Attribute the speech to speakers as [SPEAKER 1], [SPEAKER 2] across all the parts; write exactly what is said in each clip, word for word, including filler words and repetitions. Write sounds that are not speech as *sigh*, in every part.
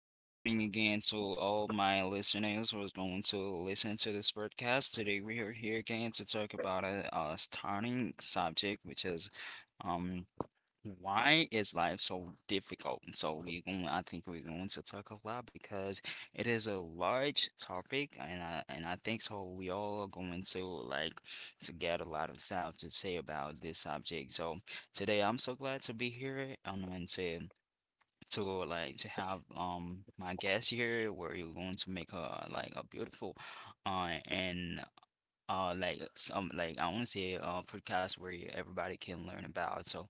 [SPEAKER 1] good morning again to all my listeners who is going to listen to this podcast. Today we are here again to talk about a, a stunning subject, which is um why is life so difficult? So we're going, I think we're going to talk a lot because it is a large topic, and I and I think so we all are going to like to get a lot of stuff to say about this subject. So today I'm so glad to be here. I'm going to to like to have um my guest here where you're going to make a like a beautiful uh and uh like some like I want to say uh podcast where you, everybody can learn about. So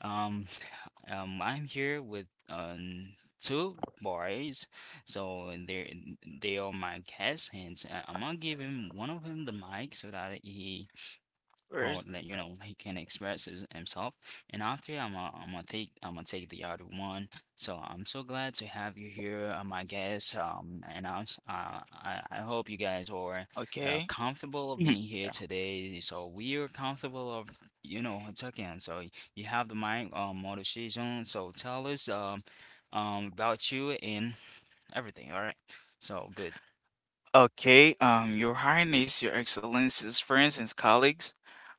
[SPEAKER 1] um *sighs* um I'm here with um two boys. So they they are my guests and uh, I'm gonna give him one of them the mic so that he or
[SPEAKER 2] First,
[SPEAKER 1] like you know he can express his, himself, and after i'm gonna I'm gonna take i'm gonna take the other one. So i'm so glad to have you here, uh, my guest, um and i'm s- uh, I, I hope you guys are uh,
[SPEAKER 2] okay.
[SPEAKER 1] comfortable
[SPEAKER 2] Mhm.
[SPEAKER 1] being here
[SPEAKER 2] Yeah.
[SPEAKER 1] today, so we are comfortable of you know talking. So y- you have the mic, um motor season, so tell us, um um about you and everything. All right. So good.
[SPEAKER 2] Okay, um, Your Highness, Your Excellencies, friends, and colleagues,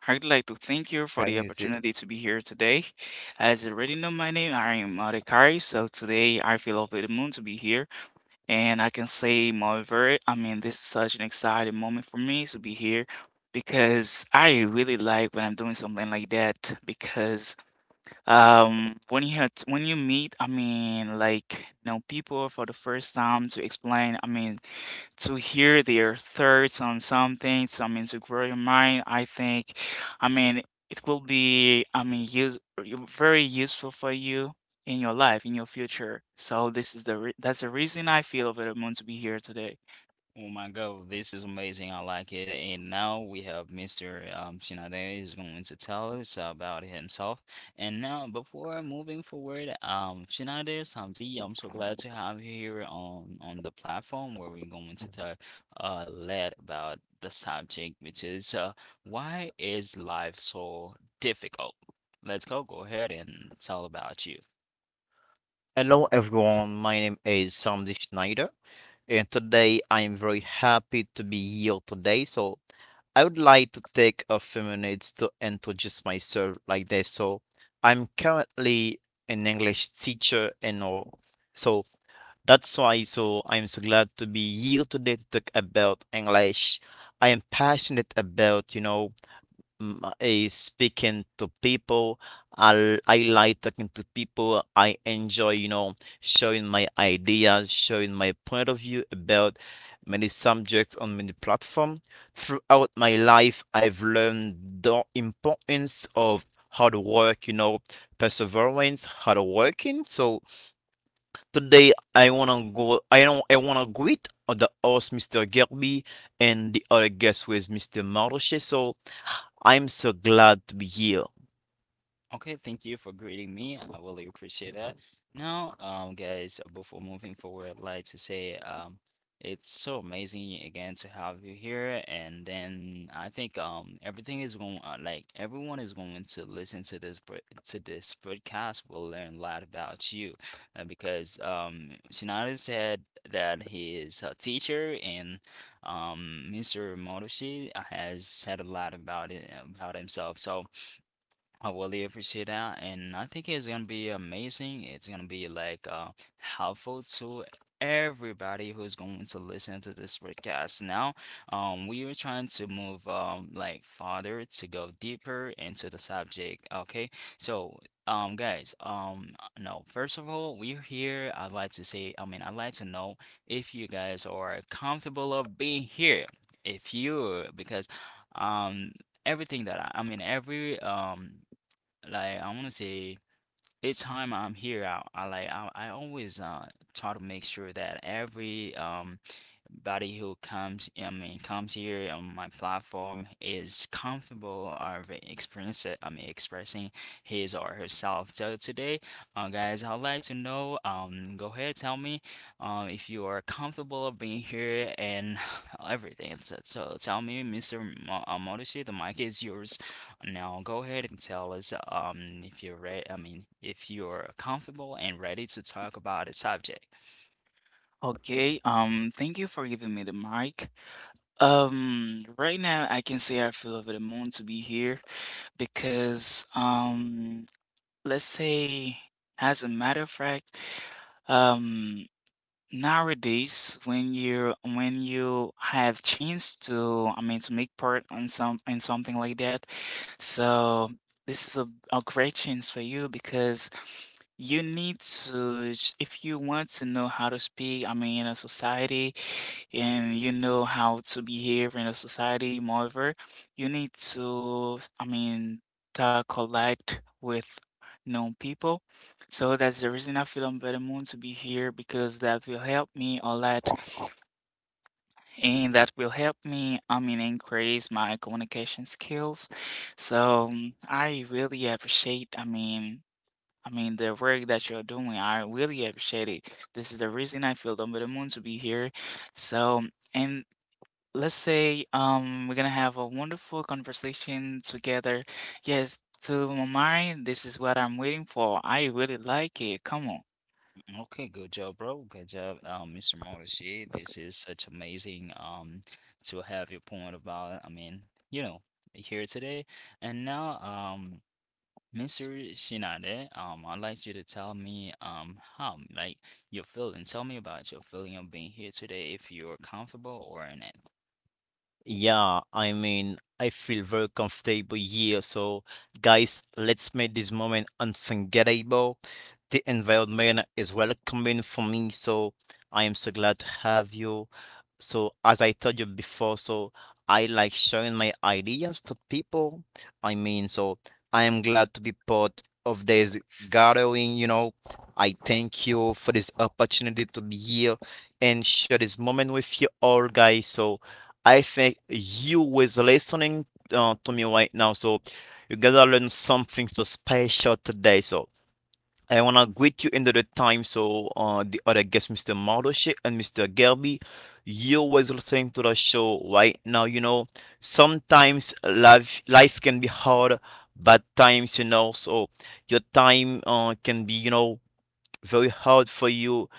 [SPEAKER 2] I'd like to
[SPEAKER 3] Can
[SPEAKER 2] thank
[SPEAKER 3] you
[SPEAKER 2] you
[SPEAKER 3] see?
[SPEAKER 2] for the opportunity to be here today. As you already know my name, I am Adhikari, so today I feel over the moon to be here. And I can say, moreover, I mean, this is such an exciting moment for me to be here because I really like when I'm doing something like that. Because Um, when you had when you meet, I mean, like, you know, people for the first time, to explain, I mean, to hear their thoughts on something, so, I mean, to grow your mind, I think, I mean, it will be, I mean, use you- very useful for you in your life, in your future. So this is the re that's the reason I feel over the moon to be here today.
[SPEAKER 1] Oh my God, this is amazing. I like it. And now we have Mister Um, Shinade is going to tell us about himself. And now, before moving forward, um, Shinade Samdi, I'm so glad to have you here on on the platform where we're going to talk a lot about the subject, which is uh, why is life so difficult? Let's go. Go ahead and tell about you.
[SPEAKER 3] Hello everyone, my name is Sandy Schneider, and today I am very happy to be here today. So I would like to take a few minutes to introduce myself like this. So I'm currently an English teacher and all. So that's why so I'm so glad to be here today to talk about English. I am passionate about, you know, mm, I speaking to people. I, I like talking to people. I enjoy, you know, showing my ideas, showing my point of view about many subjects on many platforms. Throughout my life, I've learned the importance of hard work, you know, perseverance, hard working. So today I wanna go I don't I wanna greet the host mister Gerby and the other guest with mister Maroche. So I'm so glad to be here.
[SPEAKER 1] Okay, thank you for greeting me. I really appreciate that. Now, um, guys, uh, before moving forward, I'd like to say, um, it's so amazing again to have you here. And then I think um everything is going, uh, like everyone is going to listen to this pod- to this podcast will learn a lot about you, uh, because um Shinada said that he is a teacher, and um Mister Motoshi has said a lot about it, about himself. So, I really appreciate that, and I think it's gonna be amazing. It's gonna be like uh helpful to everybody who's going to listen to this podcast. Now, um, we are trying to move, um like farther, to go deeper into the subject. Okay, so um guys, um no, first of all, we're here. I'd like to say, I mean, I'd like to know if you guys are comfortable of being here. If you, Because um everything that I, I mean every um like I want to say each time I'm here, I, I like I, I always uh try to make sure that every um everybody who comes, I mean, comes here on my platform is comfortable of experience, I mean, expressing his or herself. So today, uh, guys, I'd like to know, um, go ahead, tell me, um, if you are comfortable of being here and *sighs* everything. So, so tell me, Mister Mo uh, Motoshi, the mic is yours. Now go ahead and tell us, um, if you're ready, I mean, if you're comfortable and ready to talk about a subject.
[SPEAKER 2] Okay, um, thank you for giving me the mic. Um, right now I can say I feel over the moon to be here. because um, let's say, as a matter of fact, um nowadays, when you when you have chance to, I mean, to make part on some in something like that, so this is a, a great chance for you, because you need to sh- if you want to know how to speak, I mean, in a society, and you know how to behave in a society. Moreover, you need to, I mean, to collect with known people. So that's the reason I feel I'm very moon to be here, because that will help me a lot, and that will help me, I mean, increase my communication skills. So, um, I really appreciate, I mean, I mean the work that you're doing. I really appreciate it. This is the reason I feel I'm very moon to be here. So, and let's say, um we're gonna have a wonderful conversation together. Yes, to my mind, this is what I'm waiting for. I really like it. Come on.
[SPEAKER 1] Okay, good job, bro. Good job, um, Mister Morrissey. This is such amazing um to have your point about it. I mean, you know, here today. And now, um, Mister Shinade, um, I'd like you to tell me um how like your feeling. Tell me about your feeling of being here today, if you're comfortable or not.
[SPEAKER 3] Yeah, I mean, I feel very comfortable here. So, guys, let's make this moment unforgettable. The environment is welcoming for me, so I am so glad to have you. So, as I told you before, so I like sharing my ideas to people. I mean, so I am glad to be part of this gathering, you know. I thank you for this opportunity to be here and share this moment with you all, guys. So, I think you was listening uh, to me right now. So, you gotta learn something so special today. So, I want to greet you another time. So, uh, the other guest, mister Mardoshe and mister Gelby, you was listening to the show right now. You know, sometimes life life can be hard, bad times. You know, so your time uh, can be you know very hard for you.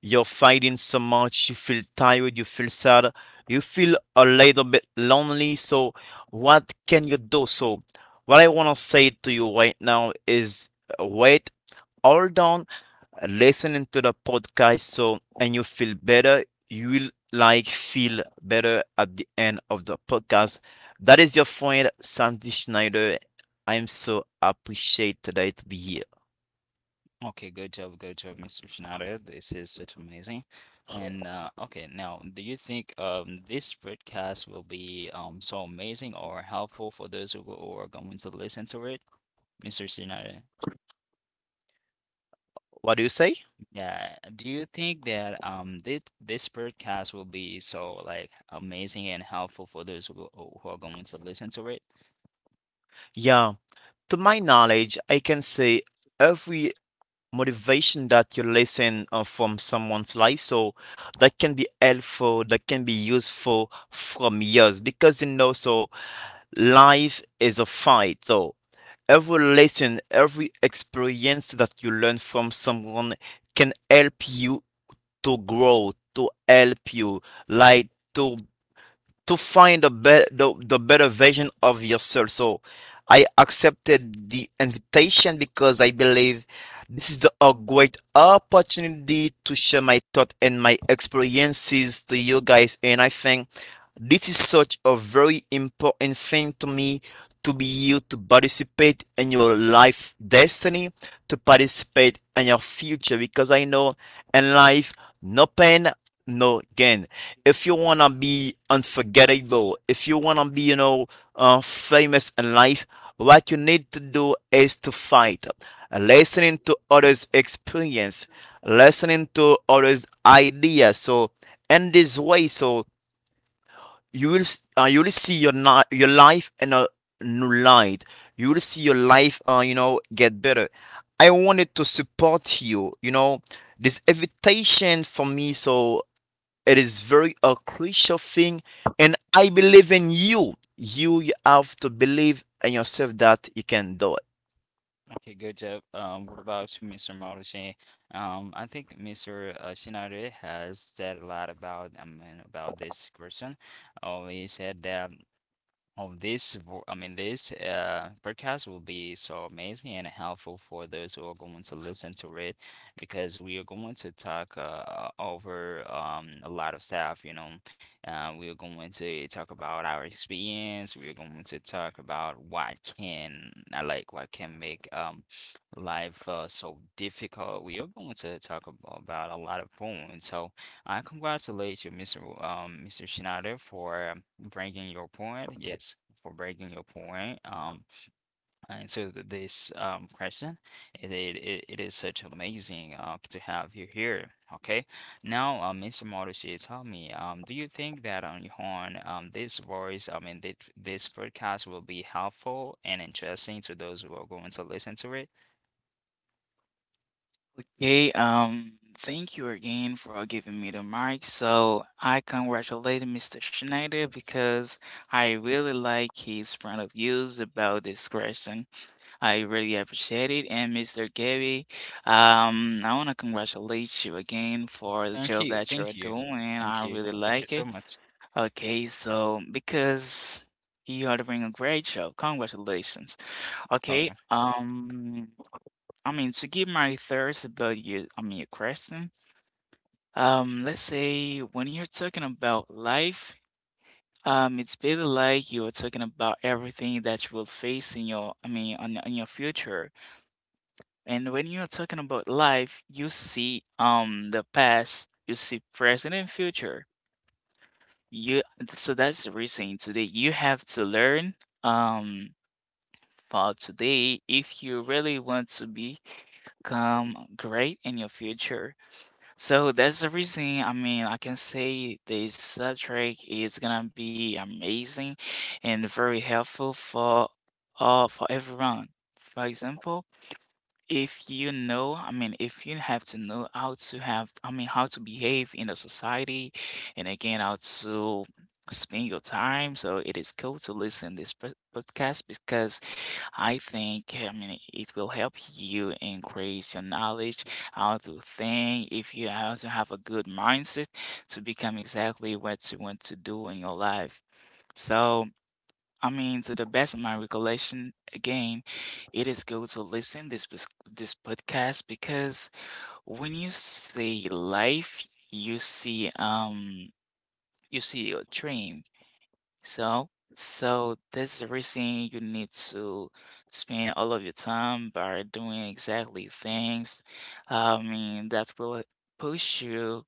[SPEAKER 3] You're fighting so much. You feel tired. You feel sad. You feel a little bit lonely. So, what can you do? So, what I want to say to you right now is uh, wait. Hold on listening to the podcast so and you feel better, you will like feel better at the end of the podcast. That is your friend Sandy Schneider. I am so appreciate today to be here.
[SPEAKER 1] Okay, good job, good job, Mister Schneider. This is it's amazing. And uh, okay, now, do you think um this podcast will be um so amazing or helpful for those who who are going to listen to it, Mister Schneider?
[SPEAKER 3] What do you say?
[SPEAKER 1] Yeah, do you think that um this this podcast will be so like amazing and helpful for those who, go- who are going to listen to it?
[SPEAKER 3] Yeah, to my knowledge, I can say every motivation that you listen uh, from someone's life. So that can be helpful, that can be useful from yours because you know, so life is a fight. So every lesson, every experience that you learn from someone can help you to grow, to help you, like to to find a better the, the better version of yourself. So I accepted the invitation because I believe this is the- a great opportunity to share my thoughts and my experiences to you guys, and I think this is such a very important thing to me to be you to participate in your life destiny, to participate in your future, because I know in life, no pain, no gain. If you wanna be unforgettable, if you wanna be, you know, uh, famous in life, what you need to do is to fight uh, listening to others' experience, listening to others' ideas. So in this way, so you will s- uh, you will see your ni- your life in a new light. You will see your life, uh, you know, get better. I wanted to support you. You know, this invitation for me, so it is very a crucial thing, and I believe in you. You have to believe in yourself that you can do it.
[SPEAKER 1] Okay, good job. Um, what about you, Mister Marucci? Um, I think Mister uh, Shinare has said a lot about I mean about this question. Oh, he said that. Oh, this, vo- I mean, this uh, podcast will be so amazing and helpful for those who are going to listen to it, because we are going to talk, uh, over, um, a lot of stuff, you know. Uh, we are going to talk about our experience. We are going to talk about what can, I like, what can make, um, life uh, so difficult. We are going to talk about, about a lot of points. So, I congratulate you, Mister W- Um, Mister Schneider, for um, bringing your point. Yes, for bringing your point. Um, into th- this um question, it it, it it is such amazing uh to have you here. Okay, now, um, Mister Marucci, tell me, um, do you think that on your own, um, this voice, I mean, this this podcast will be helpful and interesting to those who are going to listen to it?
[SPEAKER 2] Okay, um, thank you again for giving me the mic. So I congratulate Mister Schneider, because I really like his point of views about this question. I really appreciate it. And Mister Gabby, um, I want to congratulate you again for the
[SPEAKER 1] Thank
[SPEAKER 2] job
[SPEAKER 1] you,
[SPEAKER 2] that you're
[SPEAKER 1] thank you,
[SPEAKER 2] doing.
[SPEAKER 1] thank
[SPEAKER 2] I
[SPEAKER 1] you,
[SPEAKER 2] really
[SPEAKER 1] thank you
[SPEAKER 2] like
[SPEAKER 1] so
[SPEAKER 2] it.
[SPEAKER 1] much.
[SPEAKER 2] Okay, so, because you are doing a great job, congratulations. Okay,
[SPEAKER 1] Okay.
[SPEAKER 2] um, I mean, to give my thoughts about your, I mean, your question. Um, let's say, when you're talking about life, um, it's basically like you're talking about everything that you will face in your, I mean, on in your future. And when you're talking about life, you see, um the past, you see present and future. You so that's the reason today you have to learn, um for today, if you really want to become great in your future. So that's the reason, I mean, I can say this subject is gonna be amazing and very helpful for uh for everyone. For example, if you know, I mean, if you have to know how to have, I mean, how to behave in a society, and again, how to spend your time. So it is cool to listen this pod- podcast, because I think, I mean, it will help you increase your knowledge, how to think, if you how to have a good mindset to become exactly what you want to do in your life. So, I mean, to the best of my recollection, again, it is good to listen this pos- this podcast, because when you see life, you see um you see your dream. So, so that's the reason you need to spend all of your time by doing exactly things. I mean, that will push you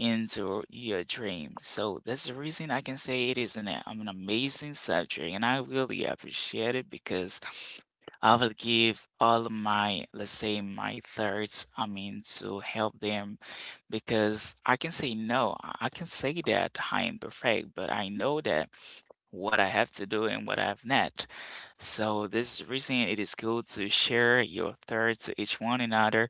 [SPEAKER 2] into your dream. So that's the reason I can say it is an, a- I'm an amazing subject, and I really appreciate it because I will give all of my, let's say, my thoughts, I mean, to help them, because I can say no. I I can say that I am perfect, but I know that what I have to do and what I have not. So this is the reason it is good to share your thoughts to each one another,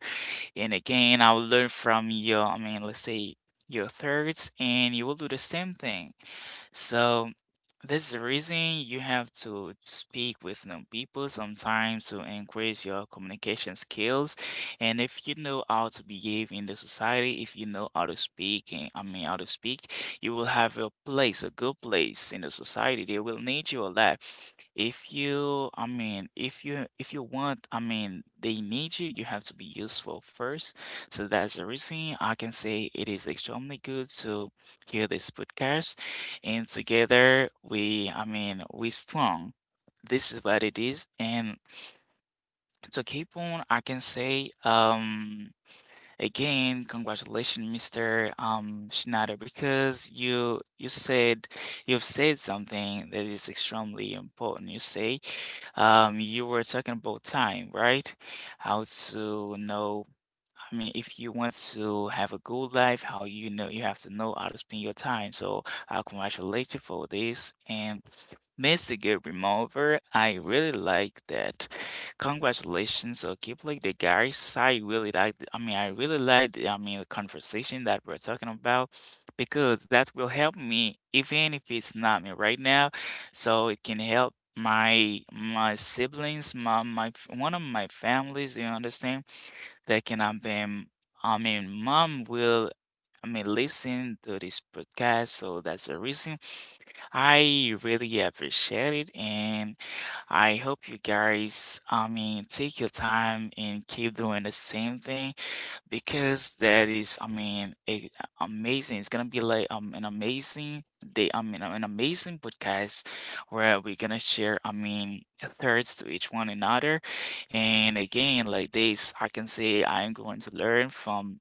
[SPEAKER 2] and again, I will learn from your, I mean, let's say, your thirds, and you will do the same thing. So this is the reason you have to speak with new people sometimes, to increase your communication skills. And if you know how to behave in the society, if you know how to speak, and, I mean, how to speak, you will have a place, a good place in the society. They will need you a lot. If you, I mean, if you if you want, I mean, they need you, you have to be useful first. So that's the reason I can say it is extremely good to hear this podcast, and together we, I mean, we strong, this is what it is. And to keep on, I can say, um again, congratulations, Mr. um Schneider, because you you said you've said something that is extremely important. You say um you were talking about time, right? How to know, I mean, if you want to have a good life, how, you know, you have to know how to spend your time. So I congratulate you for this. And Mister Good Remover, I really like that. Congratulations. So keep like the guys. I really like, I mean, I really like, the, I mean, the conversation that we're talking about, because that will help me, even if it's not me right now. So it can help my my siblings, my my f- one of my families, you understand? That can help him. I mean, mom will, I mean, listen to this podcast. So that's the reason I really appreciate it. And I hope you guys, I mean, take your time and keep doing the same thing. Because that is, I mean, a, amazing. It's gonna be like, um an amazing day. I mean, an amazing podcast where we're gonna share, I mean, thirds to each one another. And again, like this, I can say I'm going to learn from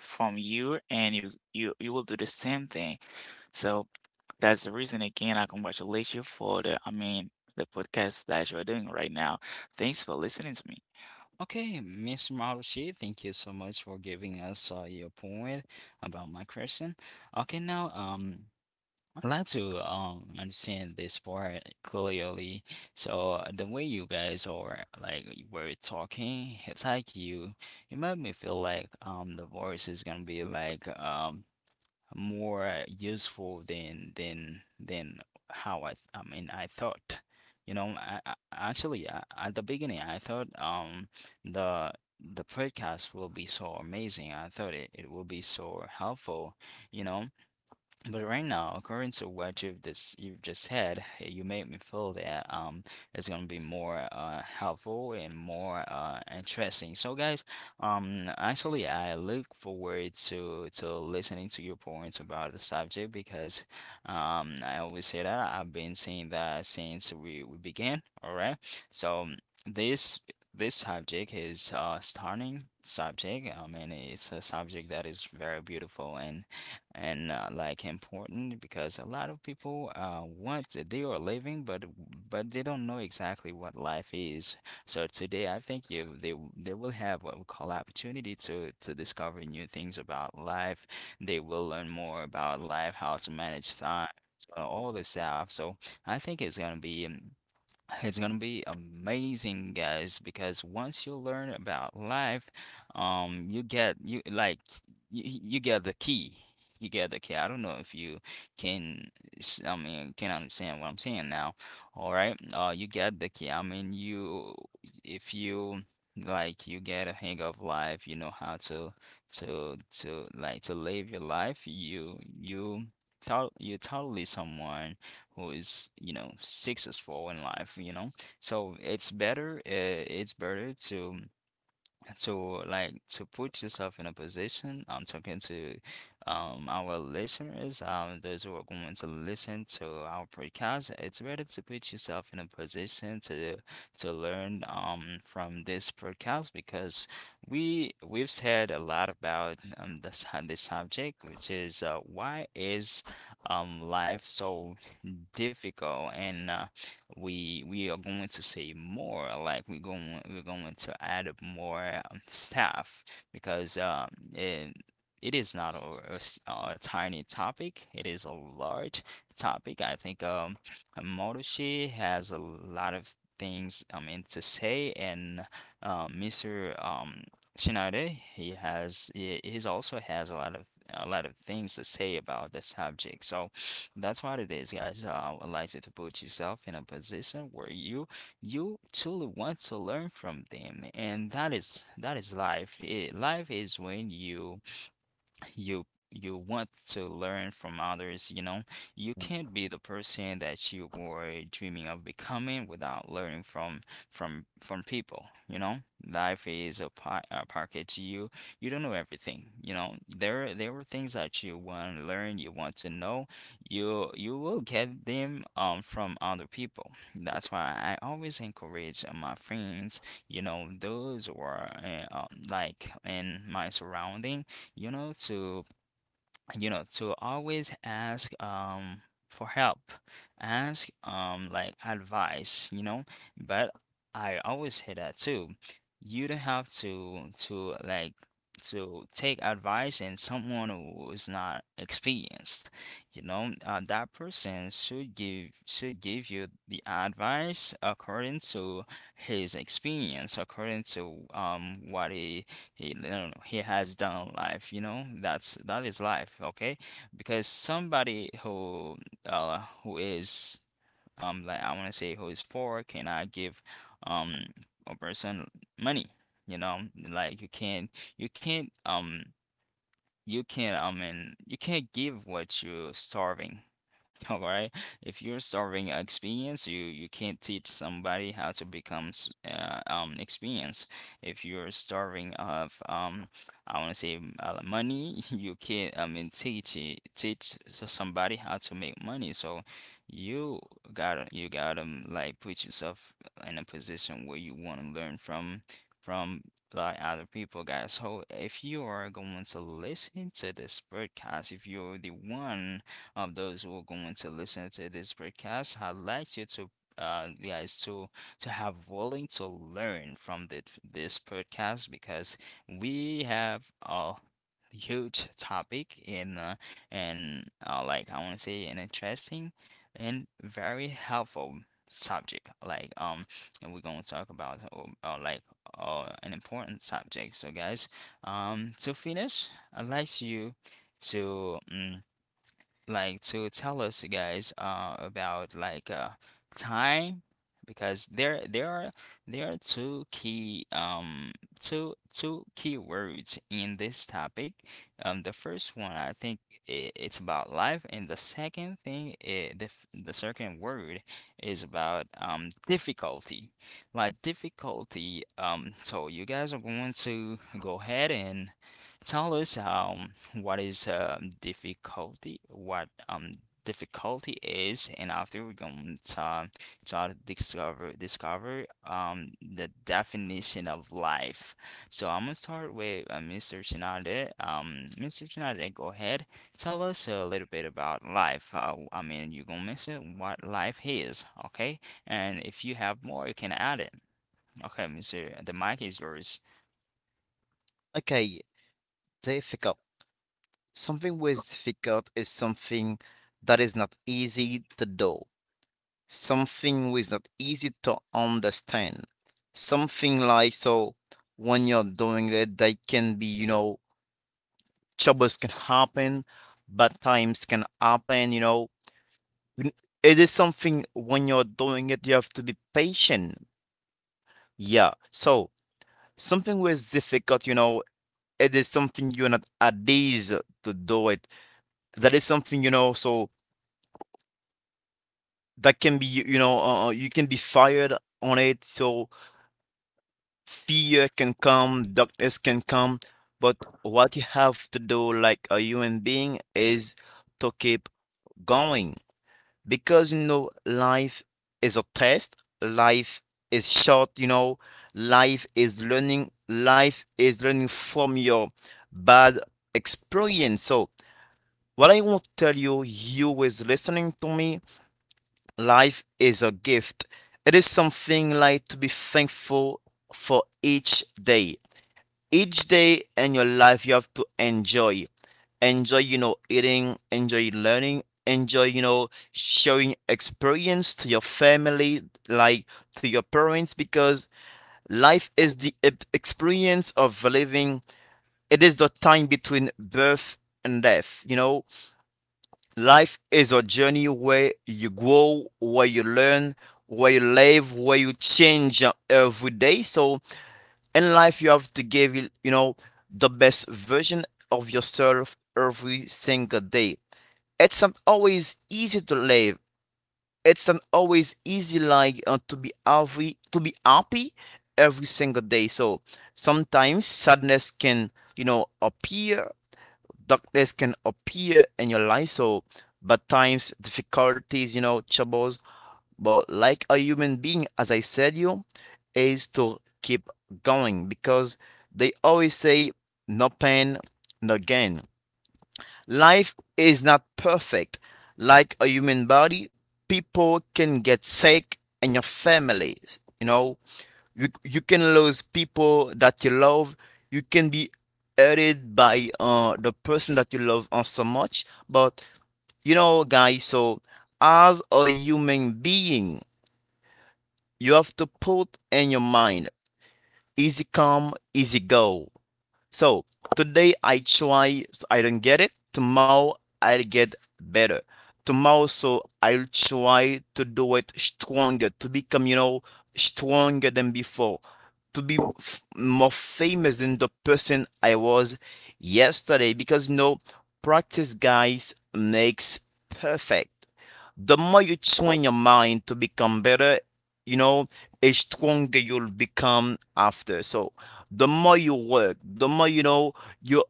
[SPEAKER 2] from you, and you you you will do the same thing. So that's the reason. Again, I congratulate you for the, I mean, the podcast that you're doing right now. Thanks for listening to me.
[SPEAKER 1] Okay, Mister Marucci, thank you so much for giving us, uh, your point about my question. Okay, now um, I'd like to um understand this part clearly. So uh, the way you guys are like you were talking, it's like you you made me feel like um the voice is gonna be like um more useful than than than how I th- I mean I thought. You know, I, I actually I, at the beginning I thought um the the podcast will be so amazing. I thought it, it will be so helpful, you know. But right now, according to what you've just you've just had, you made me feel that um it's gonna be more uh helpful and more uh interesting. So guys, um actually I look forward to to listening to your points about the subject because um I always say that I've been saying that since we, we began, all right? So this this subject is uh stunning subject. I mean it's a subject that is very beautiful and and not like important because a lot of people uh want they are living, but but they don't know exactly what life is. So today I think you they they will have what we call opportunity to to discover new things about life. They will learn more about life, how to manage time, uh, all this stuff. So I think it's gonna be um, it's gonna be amazing, guys, because once you learn about life, um, you get you like you, you get the key. You get the key. I don't know if you can, s- I mean, can understand what I'm saying now. All right, uh, you get the key. I mean, you if you like you get a hang of life, you know how to to to like to live your life. You you thought you totally someone who is, you know, successful in life, you know. So it's better, uh, it's better to to like to put yourself in a position. I'm talking to um our listeners, um those who are going to listen to our podcast. It's better to put yourself in a position to to learn um from this podcast, because we we've said a lot about um the sub- the *laughs* subject, which is uh, why is um life so difficult, and uh, we we are going to say more like we're going we're going to add up more, um, staff, because um it, it is not a a a tiny topic. It is a large topic. I think um Marushi has a lot of things I mean to say, and uh, Mister um Shinade, he has, he, he's also has a lot of a lot of things to say about the subject. So that's what it is, guys. Uh, I like you to put yourself in a position where you you truly want to learn from them, and that is that is life. It, life is when you you you want to learn from others, you know. You can't be the person that you were dreaming of becoming without learning from from from people, you know. Life is a, pa a package. You you don't know everything, you know. There there are things that you want to learn, you want to know. You you will get them um from other people. That's why I always encourage, uh, my friends, you know, those who are uh, um, like in my surrounding, you know, to, you know, to always ask um for help, ask um like advice, you know. But I always say that too. You don't have to to like to take advice in someone who is not experienced. You know, uh, that person should give should give you the advice according to his experience, according to um what he he, no, no, no, he has done life, you know. That's that is life, okay? Because somebody who uh who is um like I want to say who is poor cannot give um a person money, you know. Like you can't you can't um you can't I mean you can't give what you're starving. *laughs* All right. If you're starving experience, you you can't teach somebody how to become s- uh, um experience. If you're starving of um I want to say uh, money, *laughs* you can't I mean teach it, teach s- somebody how to make money. So you gotta you gotta um, like put yourself in a position where you want to learn from from like other people, guys. So if you are going to listen to this podcast, if you're the one um, those who are going to listen to this podcast. I'd like you to uh, guys to to have willing to learn from the, this podcast because we have a huge topic in uh, and uh, like I want to say an interesting and very helpful subject like um and we're going to talk about uh, uh, like uh, an important subject so guys
[SPEAKER 2] um,
[SPEAKER 1] um to finish I'd like you to mm like to tell us you guys uh about like uh time because there there are there are two key um two two key words in this topic. Um the first one I think I it's about life and the second thing i the f- the second word is about um difficulty. Like difficulty, um so you guys are going to go ahead and tell us, um, what is, um, difficulty, what, um, difficulty is,
[SPEAKER 2] Um,
[SPEAKER 1] and after we're going to, um, try to
[SPEAKER 2] so
[SPEAKER 1] discover discover um, the definition of life. So
[SPEAKER 2] So
[SPEAKER 1] I'm gonna start with uh, Mister Shinade. Um, Mister Shinade, go ahead. Tell us a little bit about life. Uh, I mean, you're gonna mention what life is, okay? And if you have more, you can add it. Okay, Mister The mic is yours.
[SPEAKER 3] Okay, the ethical. Something with difficult is something that is not easy to do. Something which is not easy to understand. Something like so when you're doing it, they can be, you know, troubles can happen, bad times can happen, you know. N- It is something when you're doing it, you have to be patient. Yeah. So something which is difficult, you know, it is something you're not at ease to do it. That is something, you know, so that can be you know uh, uh, you can be fired on it, so fear can come, darkness can come, but what you have to do like a human being is to keep going because you know life is a test, life is short, you know, life is learning, life is learning from your bad experience. So what I want to tell you, you is listening to me. Life is a gift. It is something like to be thankful for each day. Each day in your life, you have to enjoy. Enjoy, you know, eating, enjoy learning, enjoy, you know, showing experience to your family, like to your parents, because life is the e- experience of living. It is the time between birth and death, you know. Life is a journey where you grow, where you learn, where you live, where you change uh, every day. So in life, you have to give, it, you know, the best version of yourself every single day. It's not always easy to live. It's not always easy, like uh, to be every to be happy every single day. So sometimes sadness can, you know, appear, darkness can appear in your life. So bad times, difficulties, you know, troubles. But like a human being, as I said you, is to keep going because they always say no pain, no gain. Life is not perfect. Like a human body, people can get sick in your family, you know, you, you can lose people that you love. You can be hurted by uh, the person that you love uh, so much. But you know, guys, so as a human being, you have to put in your mind easy come, easy go. So today I try, so I don't get it. Tomorrow I'll get better. Tomorrow, so I'll try to do it stronger, to become, you know, stronger than before, to be f- more famous than the person I was yesterday. Because, you know, practice, guys, makes perfect. The more you train your mind to become better, you know, a stronger you'll become after. So the more you work, the more you know you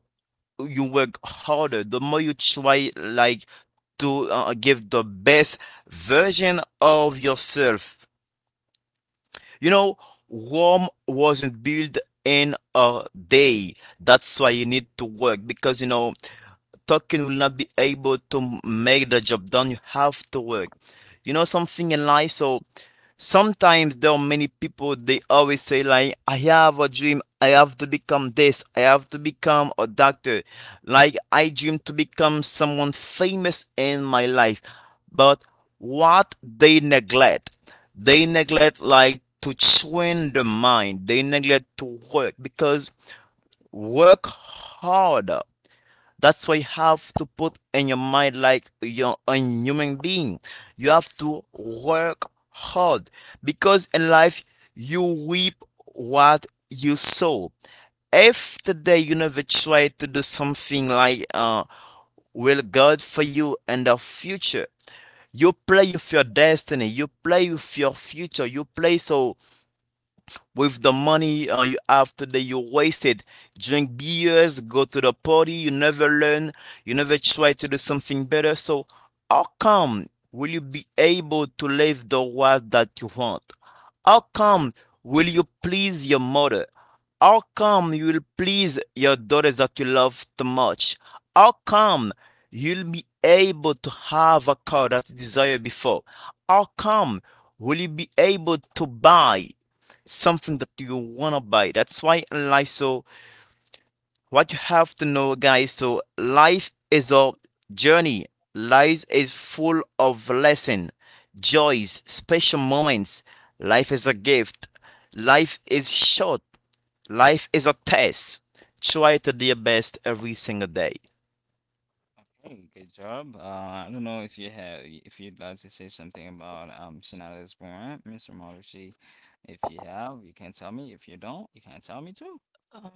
[SPEAKER 3] you work harder, the more you try like to uh, give the best version of yourself. You know, Rome wasn't built in a day. That's why you need to work because you know talking will not be able to make the job done. You have to work. You know something in life. So sometimes there are many people they always say like I have a dream. I have to become this. I have to become a doctor. Like I dream to become someone famous in my life. But what they neglect, they neglect like to train the mind. They neglect to work because work hard, that's why you have to put in your mind like you're a human being. You have to work hard because in life you reap what you sow. If today you never try to do something like uh, will God for you in the future, you play with your destiny, you play with your future, you play so with the money uh, you have today, you wasted, drink beers, go to the party, you never learn, you never try to do something better. So how come will you be able to live the life that you want? How come will you please your mother? How come you will please your daughters that you love too much? How come you'll be able to have a car that you desired before? How come will you be able to buy something that you wanna buy? That's why in life, so what you have to know, guys, so life is a journey. Life is full of lesson, joys, special moments. Life is a gift. Life is short. Life is a test. Try to do your best every single day.
[SPEAKER 1] Okay, good job. Uh, I don't know if you have, if you'd like to say something about um Shinada's Warrant, Mister Marucci. If you have, you can tell me. If you don't, you can tell me too.
[SPEAKER 2] Um,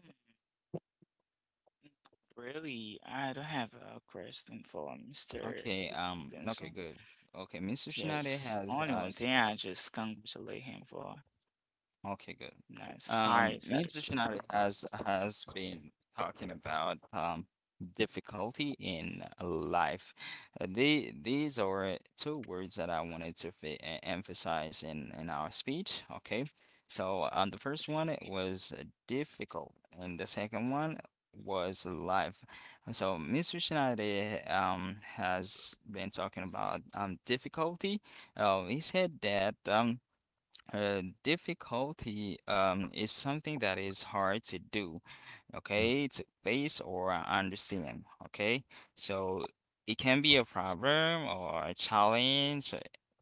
[SPEAKER 2] really, I don't have a question for Mister
[SPEAKER 1] Okay. Um. Okay.
[SPEAKER 2] Benson.
[SPEAKER 1] Good. Okay. Mister Shinada
[SPEAKER 2] Yes,
[SPEAKER 1] has
[SPEAKER 2] only
[SPEAKER 1] uh,
[SPEAKER 2] one thing,
[SPEAKER 1] s-
[SPEAKER 2] I just congratulate him for
[SPEAKER 1] Okay, good.
[SPEAKER 2] nice high
[SPEAKER 1] Um, Major
[SPEAKER 2] satisfaction.
[SPEAKER 1] Shinari has has been talking about um difficulty in life. Uh, The these are two words that I wanted to fe- e- emphasize in in our speech. Okay, so um, the first one it was uh, difficult, and the second one was life. And so Mister Shinari um has been talking about um difficulty. Uh, he said that um. Uh, difficulty, um, is something that is hard to do,
[SPEAKER 3] Yeah.
[SPEAKER 1] okay, to face or understand, okay? So it can be a problem or a challenge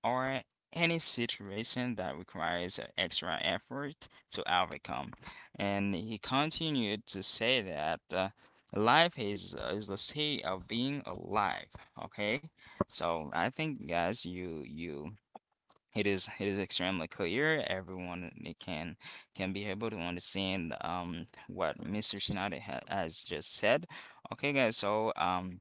[SPEAKER 1] or any situation that requires a extra effort to overcome. And he continued to say that uh, life is uh, is the state of being alive, okay? So I think guys, you you it is it is extremely clear. Everyone it can can be able to understand um what Mister Shinada ha has just said. Okay, guys, so um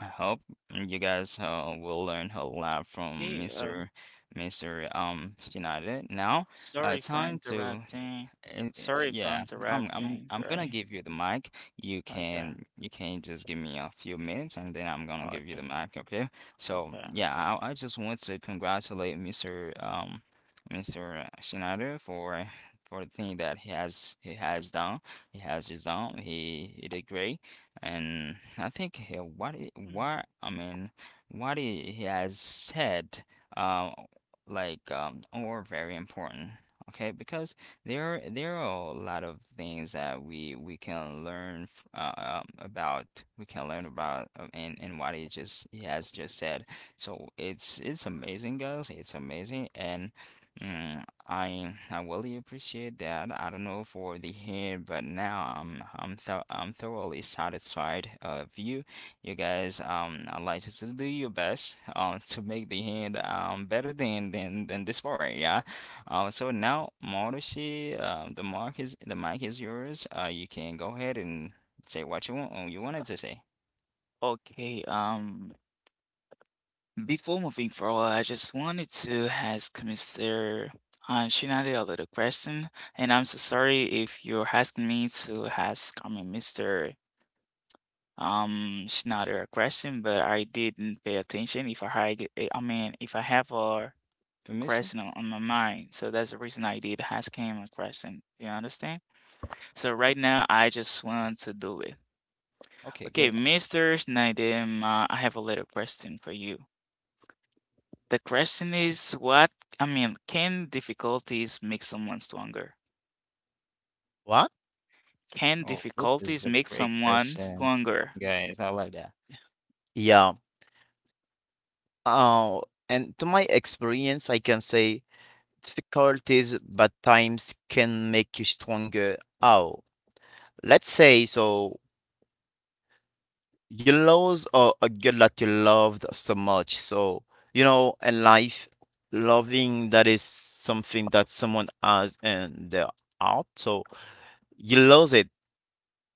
[SPEAKER 1] I hope you guys uh, will learn a lot from
[SPEAKER 2] Hey, um,
[SPEAKER 1] Mister Mister um Shinada. Now, uh,
[SPEAKER 2] sorry for
[SPEAKER 1] time to
[SPEAKER 2] interrupting.
[SPEAKER 1] and eh, eh,
[SPEAKER 2] Sorry for
[SPEAKER 1] yeah, I'm I'm
[SPEAKER 2] interrupting,
[SPEAKER 1] I'm gonna
[SPEAKER 2] right?
[SPEAKER 1] give you the mic. You
[SPEAKER 2] Okay.
[SPEAKER 1] can you can just give me a few minutes and then I'm gonna give you
[SPEAKER 2] Okay.
[SPEAKER 1] the mic, okay? So
[SPEAKER 2] Okay.
[SPEAKER 1] yeah, I I just want to congratulate Mister um Mister Shinada for for the thing that he has he has done. He has his own. He he did great. And I think he, what he,
[SPEAKER 2] Mhm.
[SPEAKER 1] what I mean what he, he has said um like um are very important. Okay, because there, there are a lot of things that we we can learn f uh, um, about. We can learn about uh, and and what he just he has just said. So it's it's amazing, guys. It's amazing, and mm, I I really appreciate that. I don't know for the head, but now I'm I'm th I'm thoroughly satisfied of you. You guys, um, I'd like you to do your best um to make the hand um better than than than this part, yeah. Uh, so now, Marushi, uh, the mark is the mic is yours. Uh, you can go ahead and say what you want. Oh, you wanted to say.
[SPEAKER 2] Okay. Um, before moving forward, I just wanted to ask Mister uh, Shinade a little question, and I'm so sorry if you're asking me to ask, I mean, Mister Um, Shinade a question, but I didn't pay attention. If I had, eh, I mean, if I have a
[SPEAKER 1] Permission?
[SPEAKER 2] question on on my mind, so that's the reason I did ask him a question. You understand? So right now, I just want to do it.
[SPEAKER 1] Okay,
[SPEAKER 2] Okay,
[SPEAKER 1] good.
[SPEAKER 2] Mister Nadim, uh, I have a little question for you. The question is what, I mean, can difficulties make someone stronger?
[SPEAKER 3] What?
[SPEAKER 2] Can
[SPEAKER 1] Oh, this is
[SPEAKER 2] difficulties
[SPEAKER 1] a
[SPEAKER 2] make
[SPEAKER 1] great
[SPEAKER 2] someone
[SPEAKER 1] question,
[SPEAKER 2] stronger?
[SPEAKER 1] guys. I love that.
[SPEAKER 3] Yeah. Uh, and to my experience, I can say difficulties, but times can make you stronger. Oh, let's say so you lose a, a girl that you loved so much. So, you know, in life, loving that is something that someone has in their heart. So you lose it.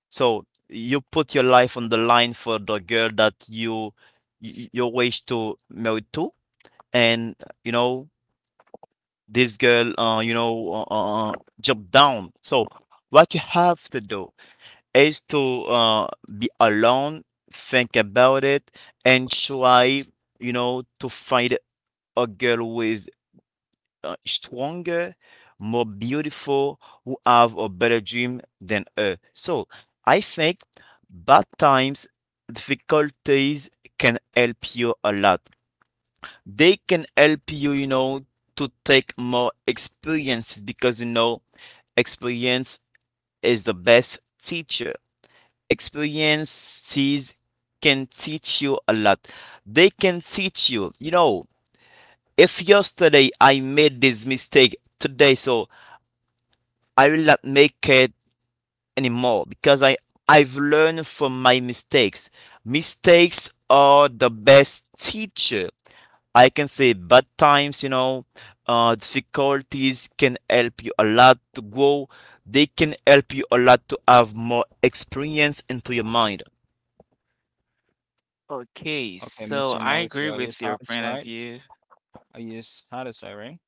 [SPEAKER 3] So you put your life on the line for the girl that you you, you wish to marry to, and you know this girl, uh, you know, uh, uh, uh, jump down. So what you have to do is to uh, be alone, think about it, and try, you know, to find a girl who is uh, stronger, more beautiful, who have a better dream than her. So I think bad times, difficulties can help you a lot, they can help you, you know, to take more experiences because you know experience is the best teacher, experiences can teach you a lot, they can teach you, you know, if yesterday I made this mistake, today so I will not make it anymore because I I've learned from my mistakes. Mistakes are the best teacher. I can say bad times, you know, uh, difficulties can help you a lot to grow. They can help you a lot to have more experience into your mind.
[SPEAKER 2] Okay,
[SPEAKER 1] Okay,
[SPEAKER 2] so
[SPEAKER 1] Mister
[SPEAKER 2] I
[SPEAKER 1] Marushi,
[SPEAKER 2] agree
[SPEAKER 1] are you
[SPEAKER 2] with your point of
[SPEAKER 1] satisfied?
[SPEAKER 2] view.
[SPEAKER 1] Are you satisfied, right?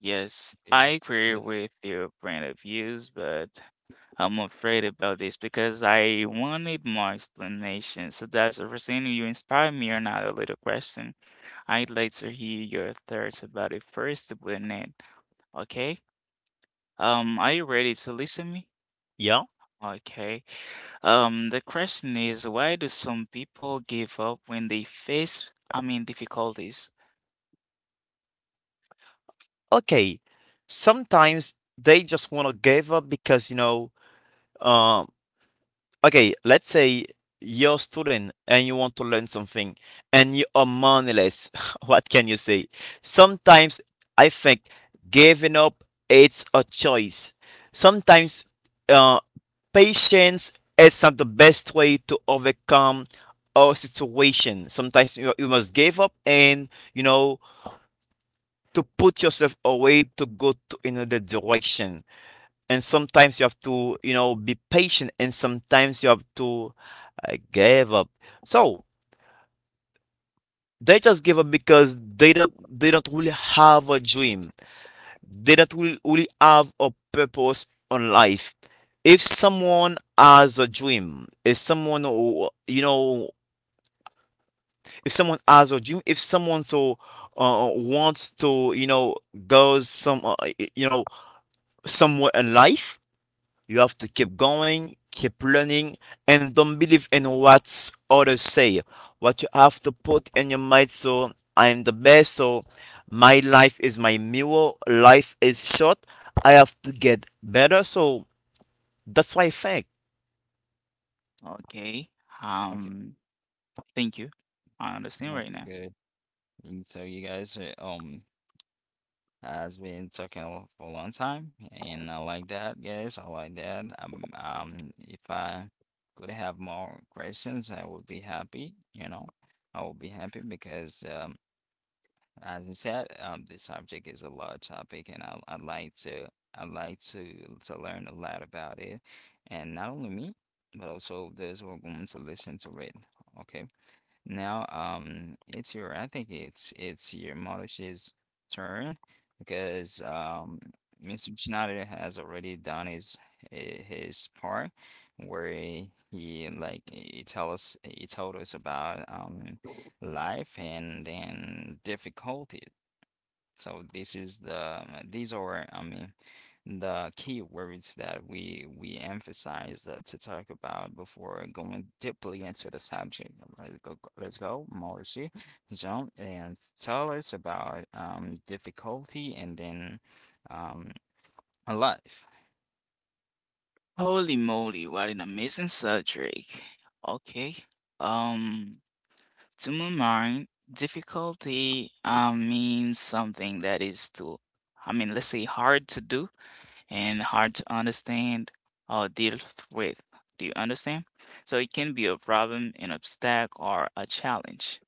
[SPEAKER 2] Yes, I
[SPEAKER 1] Okay,
[SPEAKER 2] agree
[SPEAKER 1] yes.
[SPEAKER 2] with your point of views, but I'm afraid about this because I wanted more explanation. So that's the reason you inspired me another little question. I'd like to hear your thoughts about it first, wouldn't it? Okay. Um, are you ready to listen me?
[SPEAKER 3] Yeah.
[SPEAKER 2] Okay. Um, the question is, why do some people give up when they face, I mean, difficulties?
[SPEAKER 3] Okay. Sometimes they just want to give up because, you know, um, okay, let's say you're a student and you want to learn something and you are moneyless. *laughs* What can you say? Sometimes I think giving up it's a choice. Sometimes uh, patience is not the best way to overcome our situation. Sometimes you, you must give up and you know to put yourself away to go to another direction, and sometimes you have to you know be patient, and sometimes you have to uh, give up. So they just give up because they don't they don't really have a dream, they don't really, really have a purpose on life. If someone has a dream if someone who, you know if someone has a dream, if someone so uh, wants to you know go some uh, you know somewhere in life. You have to keep going, keep learning, and don't believe in what others say. What you have to put in your mind, so I am the best, so my life is my mirror, life is short, I have to get better. So that's why I think.
[SPEAKER 2] Okay.
[SPEAKER 1] Okay,
[SPEAKER 2] Um, thank you. I understand
[SPEAKER 1] okay,
[SPEAKER 2] right now.
[SPEAKER 1] good. And so you guys, uh, um, has been talking for a long time, and I like that, guys. I like that. Um, um, if I could have more questions, I would be happy, you know. I would be happy because, um, as I said, um, this subject is a large topic, and I, I'd like to, I'd like to to learn a lot about it, and not only me, but also those who are going to listen to it. Okay. Now, um, it's your, I think it's it's your Yamauchi's turn because um, Mister Tsunade has already done his hi- his part where he he, like he tell us he told us about um life and then difficulties. So this is the um, these are, I mean, the key words that we we emphasize uh, to talk about before going deeply into the subject. Let's go, let's go, Mauricio, John, and tell us about um difficulty and then um life.
[SPEAKER 2] Holy moly, what an amazing subject. Okay. Um, to my mind, difficulty uh, means something that is too, I mean, let's say, hard to do and hard to understand or deal with. Do you understand? So it can be a problem, an obstacle, or a challenge.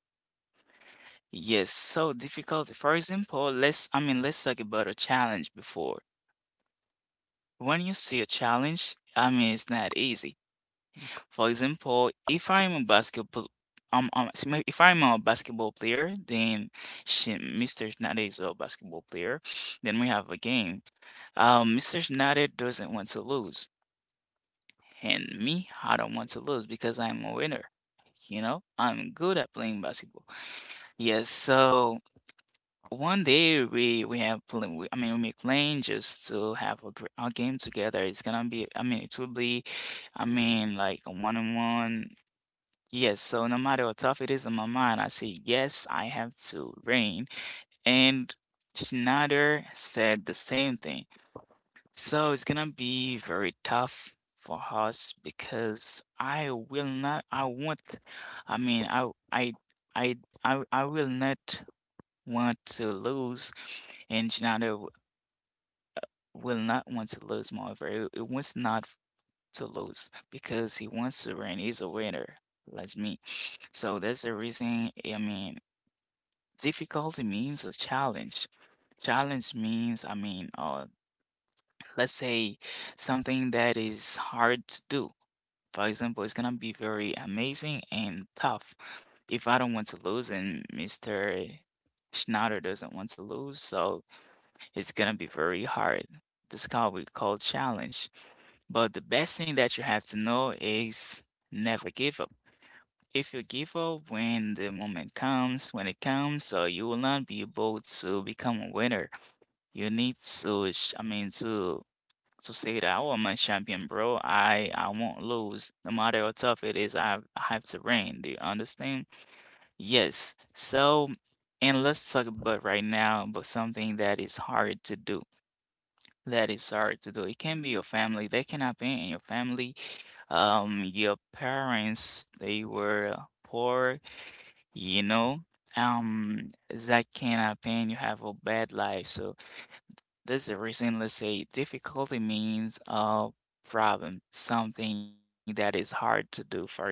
[SPEAKER 2] Yes, so difficulty. For example, let's, I mean, let's talk about a challenge before. When you see a challenge, I mean, it's not easy. For example, if I'm a basketball um, um s- ma- if I'm a basketball player, then, she, Mister Schneider is a basketball player. Then we have a game. Um, Mister Schneider doesn't want to lose. And me, I don't want to lose because I'm a winner, you know? I'm good at playing basketball. Yes, so one day we we have plan, we, I mean, we make plan just to have a, gr- a game together. It's gonna be, I mean, it will be, I mean, like a one on one. Yes, so no matter how tough it is in my mind, I say yes, I have to win. And Schneider said the same thing. So it's gonna be very tough for us because I will not, I want, I mean, I, I, I, I, I will not want to lose, and Gennaro will not want to lose Marvel. It wants not to lose because he wants to win. He's a winner, like me. So that's the reason. I mean, difficulty means a challenge. Challenge means, I mean, uh, let's say something that is hard to do, for example. It's gonna be very amazing and tough. If I don't want to lose and mister Schneider doesn't want to lose, so it's gonna be very hard. This is called, we call challenge. But the best thing that you have to know is never give up. If you give up when the moment comes, when it comes, so you will not be able to become a winner. You need to, sh- I mean, to so say that I'm my champion, bro. I I won't lose, no matter how tough it is. I have- I have to reign. Do you understand? Yes. So, and let's talk about right now, but something that is hard to do. That is hard to do. It can be your family. They cannot be in your family. Um, your parents, they were poor, you know. Um, that cannot be. You have a bad life, so. This is the reason, let's say, difficulty means a problem, something that is hard to do. For example,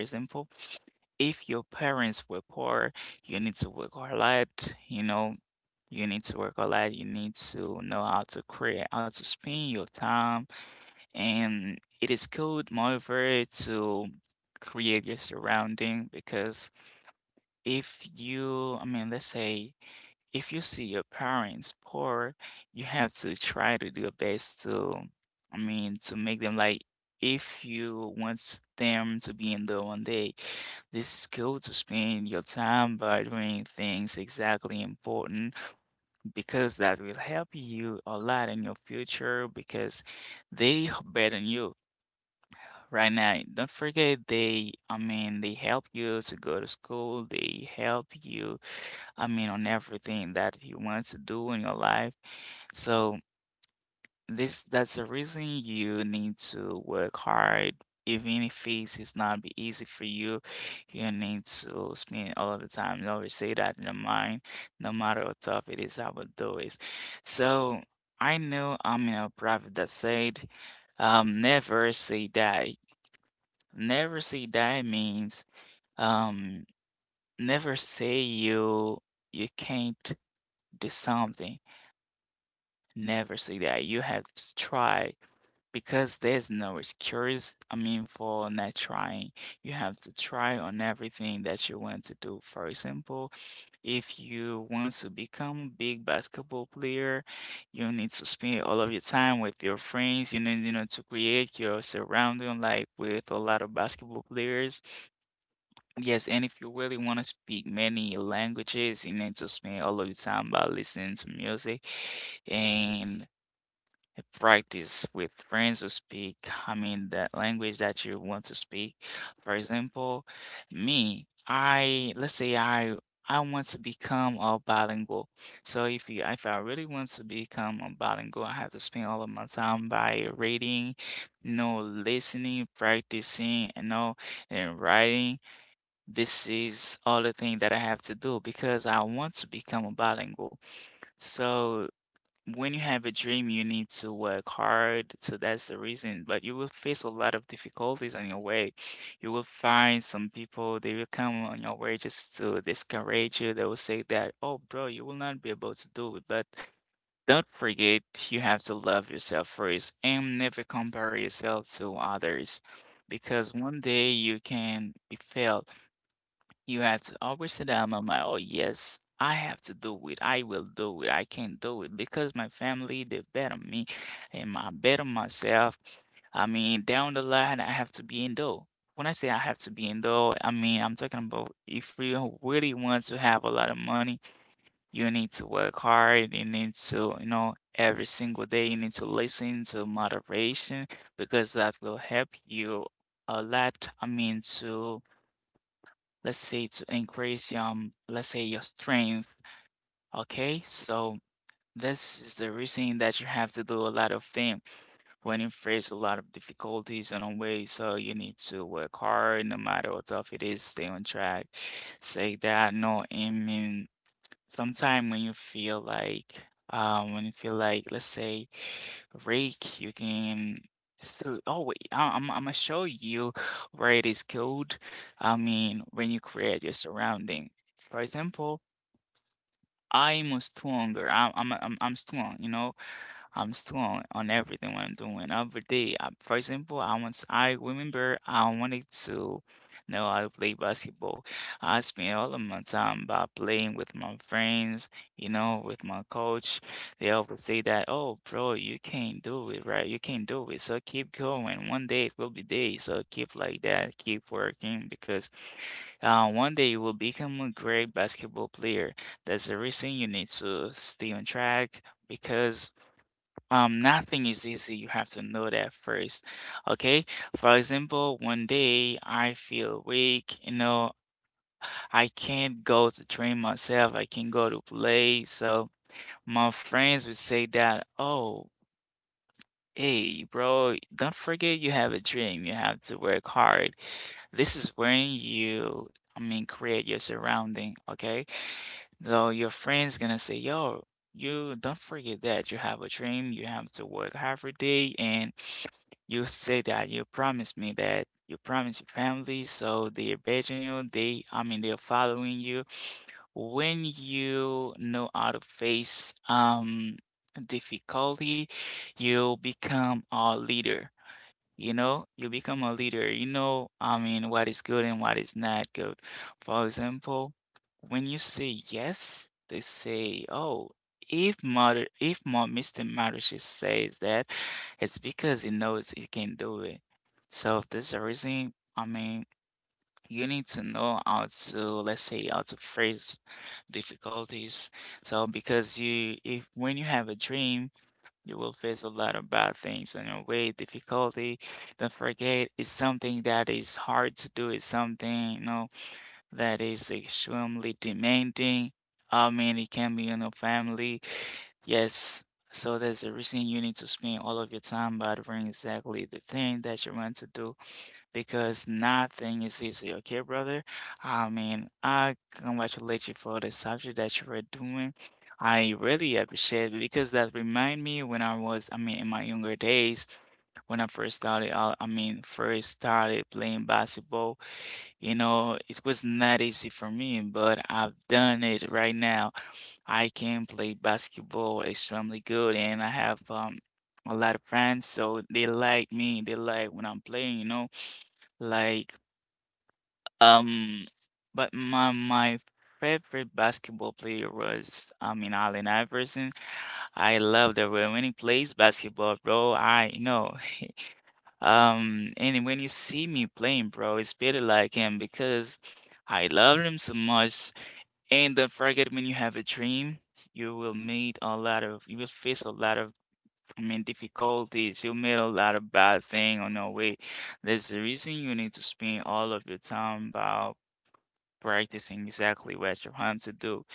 [SPEAKER 2] if your parents were poor, you need to work a lot, you know, you need to work a lot, you need to know how to create, how to spend your time, and it is good, moreover, to create your surrounding because if you, I mean, let's say, if you see your parents poor, you have to try to do your best to, I mean, to make them like, if you want them to be in the one day, this is cool to spend your time by doing things exactly important because that will help you a lot in your future because they are better than you right now. Don't forget they, I mean, they help you to go to school, they help you, I mean, on everything that you want to do in your life. So this that's the reason you need to work hard. Even if it's, it's not be easy for you, you need to spend all of the time. You always say that in your mind, no matter how tough it is, I will do it. So I know I'm in a prophet that said, um, never say die. Never say die means, um, never say you you can't do something. Never say that. You have to try because there's no excuse, I mean, for not trying. You have to try on everything that you want to do. For example, if you want to become a big basketball player, you need to spend all of your time with your friends. You need, you know, to create your surrounding like with a lot of basketball players. Yes, and if you really want to speak many languages, you need to spend all of your time by listening to music and uh, practice with friends who speak, I mean, that language that you want to speak. For example, me, I let's say I I want to become a bilingual. So if you if I really want to become a bilingual, I have to spend all of my time by reading, you know, listening, practicing, you know, and writing. This is all the thing that I have to do because I want to become a bilingual. So when you have a dream, you need to work hard. So that's the reason. But you will face a lot of difficulties on your way. You will find some people, they will come on your way just to discourage you. They will say that, oh, bro, you will not be able to do it. But don't forget, you have to love yourself first and never compare yourself to others. Because one day you can be failed. You have to always sit down on my, oh, yes, I have to do it. I will do it. I can do it because my family, they bet on me and I bet on myself. I mean, down the line, I have to be in though. When I say I have to be in though, I mean, I'm talking about if you really want to have a lot of money, you need to work hard. You need to, you know, every single day, you need to listen to moderation because that will help you a lot. I mean, to let's say to increase, um let's say your strength. Okay, so this is the reason that you have to do a lot of things when you face a lot of difficulties in a way, so you need to work hard, no matter how tough it is, stay on track. Say that no aiming. Sometime when you feel like, um when you feel like, let's say, rake, you can still, oh wait, I, I'm, I'm gonna show you where it is good. I mean, when you create your surrounding, for example, I'm a stronger, i'm i'm i'm, I'm strong, you know, I'm strong on everything what I'm doing, every day. Uh, for example, I once I remember I wanted to know how to play basketball. I spent all of my time by playing with my friends, you know, with my coach. They always say that, "Oh, bro, you can't do it, right? You can't do it. So keep going. One day it will be day. So keep like that. Keep working because, uh, one day you will become a great basketball player. That's the reason you need to stay on track." Because, um, nothing is easy. You have to know that first. Okay. For example, one day I feel weak, you know, I can't go to train myself. I can't go to play. So my friends would say that, oh, hey, bro, don't forget you have a dream. You have to work hard. This is when you, I mean, create your surrounding. Okay. So your friends gonna say, "Yo, you don't forget that you have a dream. You have to work half a day, and you say that you promised me, that you promised your family, so they're begging you. They, I mean, they're following you. When you know how to face, um difficulty, you become a leader." You know, you become a leader. You know, I mean, what is good and what is not good. For example, when you say yes, they say, "Oh, if mother, if Ma- mister Marushi says that, it's because he knows he can do it." So if there's a reason, I mean, you need to know how to, let's say, how to face difficulties. So because you, if when you have a dream. You will face a lot of bad things on your way, difficulty. Don't forget, it's something that is hard to do. It's something, you know, that is extremely demanding. I mean, it can be on your family. Yes. So there's a reason you need to spend all of your time by doing exactly the thing that you want to do because nothing is easy, okay, brother? I mean, I congratulate you for the subject that you were doing. I really appreciate it because that remind me when I was, I mean, in my younger days, when I first started, out- I mean, first started playing basketball, you know, it was not easy for me, but I've done it right now. I can play basketball extremely good and I have, um, a lot of friends, so they like me. They like when I'm playing, you know, like, um, but my my favorite basketball player was, I mean, Allen Iverson. I love the way when he plays basketball, bro. I know. *laughs* Um, and when you see me playing, bro, it's better like him because I love him so much. And don't forget, when you have a dream, you will meet a lot of, you will face a lot of, I mean, difficulties. You'll meet a lot of bad thing on your way. There's a reason you need to spend all of your time by practicing exactly what you're trying to do.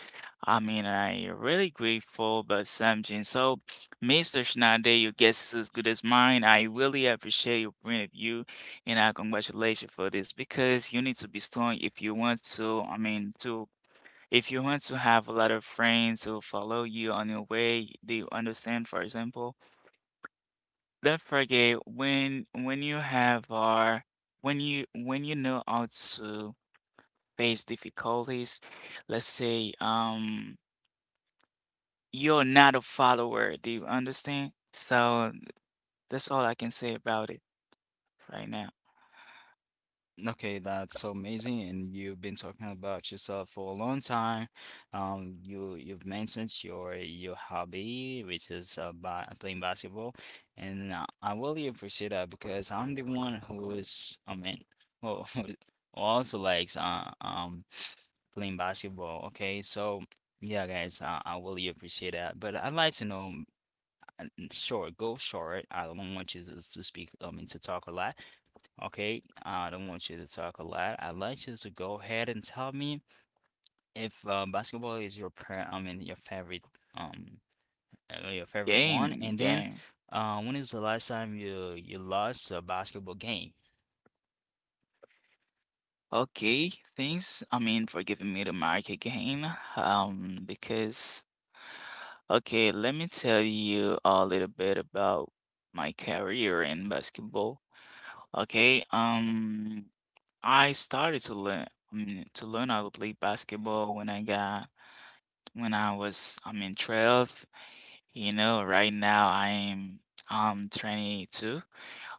[SPEAKER 2] I mean, I really grateful about something. So, mister Schneider, your guess is as good as mine. I really appreciate your point of view, and I congratulate you for this because you need to be strong if you want to. I mean, to if you want to have a lot of friends who follow you on your way, do you understand? For example, don't forget when when you have our, when you when you know how to face difficulties. Let's say, um you're not a follower, do you understand? So that's all I can say about it right now.
[SPEAKER 1] Okay, that's so amazing, and you've been talking about yourself for a long time. Um, you you've mentioned your your hobby, which is uh, ba playing basketball, and uh, I really appreciate that because I'm the one who is, I mean, who *laughs* who also likes uh, um *sniffs* playing basketball. Okay, so yeah, guys, uh, I really appreciate that. But I'd like to know, uh, short, go short. I don't want you to, to speak, I mean, to talk a lot. Okay, I don't want you to talk a lot. I'd like you to go ahead and tell me if uh, basketball is your pre- I mean your favorite um uh, your favorite one,
[SPEAKER 2] Game,
[SPEAKER 1] and then
[SPEAKER 2] game.
[SPEAKER 1] uh, when is the last time you you lost a basketball game?
[SPEAKER 2] Okay, thanks. I mean, for giving me the mic again. Um because, okay, let me tell you a little bit about my career in basketball. Okay, um I started to learn, I mean, to learn how to play basketball when I got when I was I'm in twelve. You know, right now I am um twenty-two.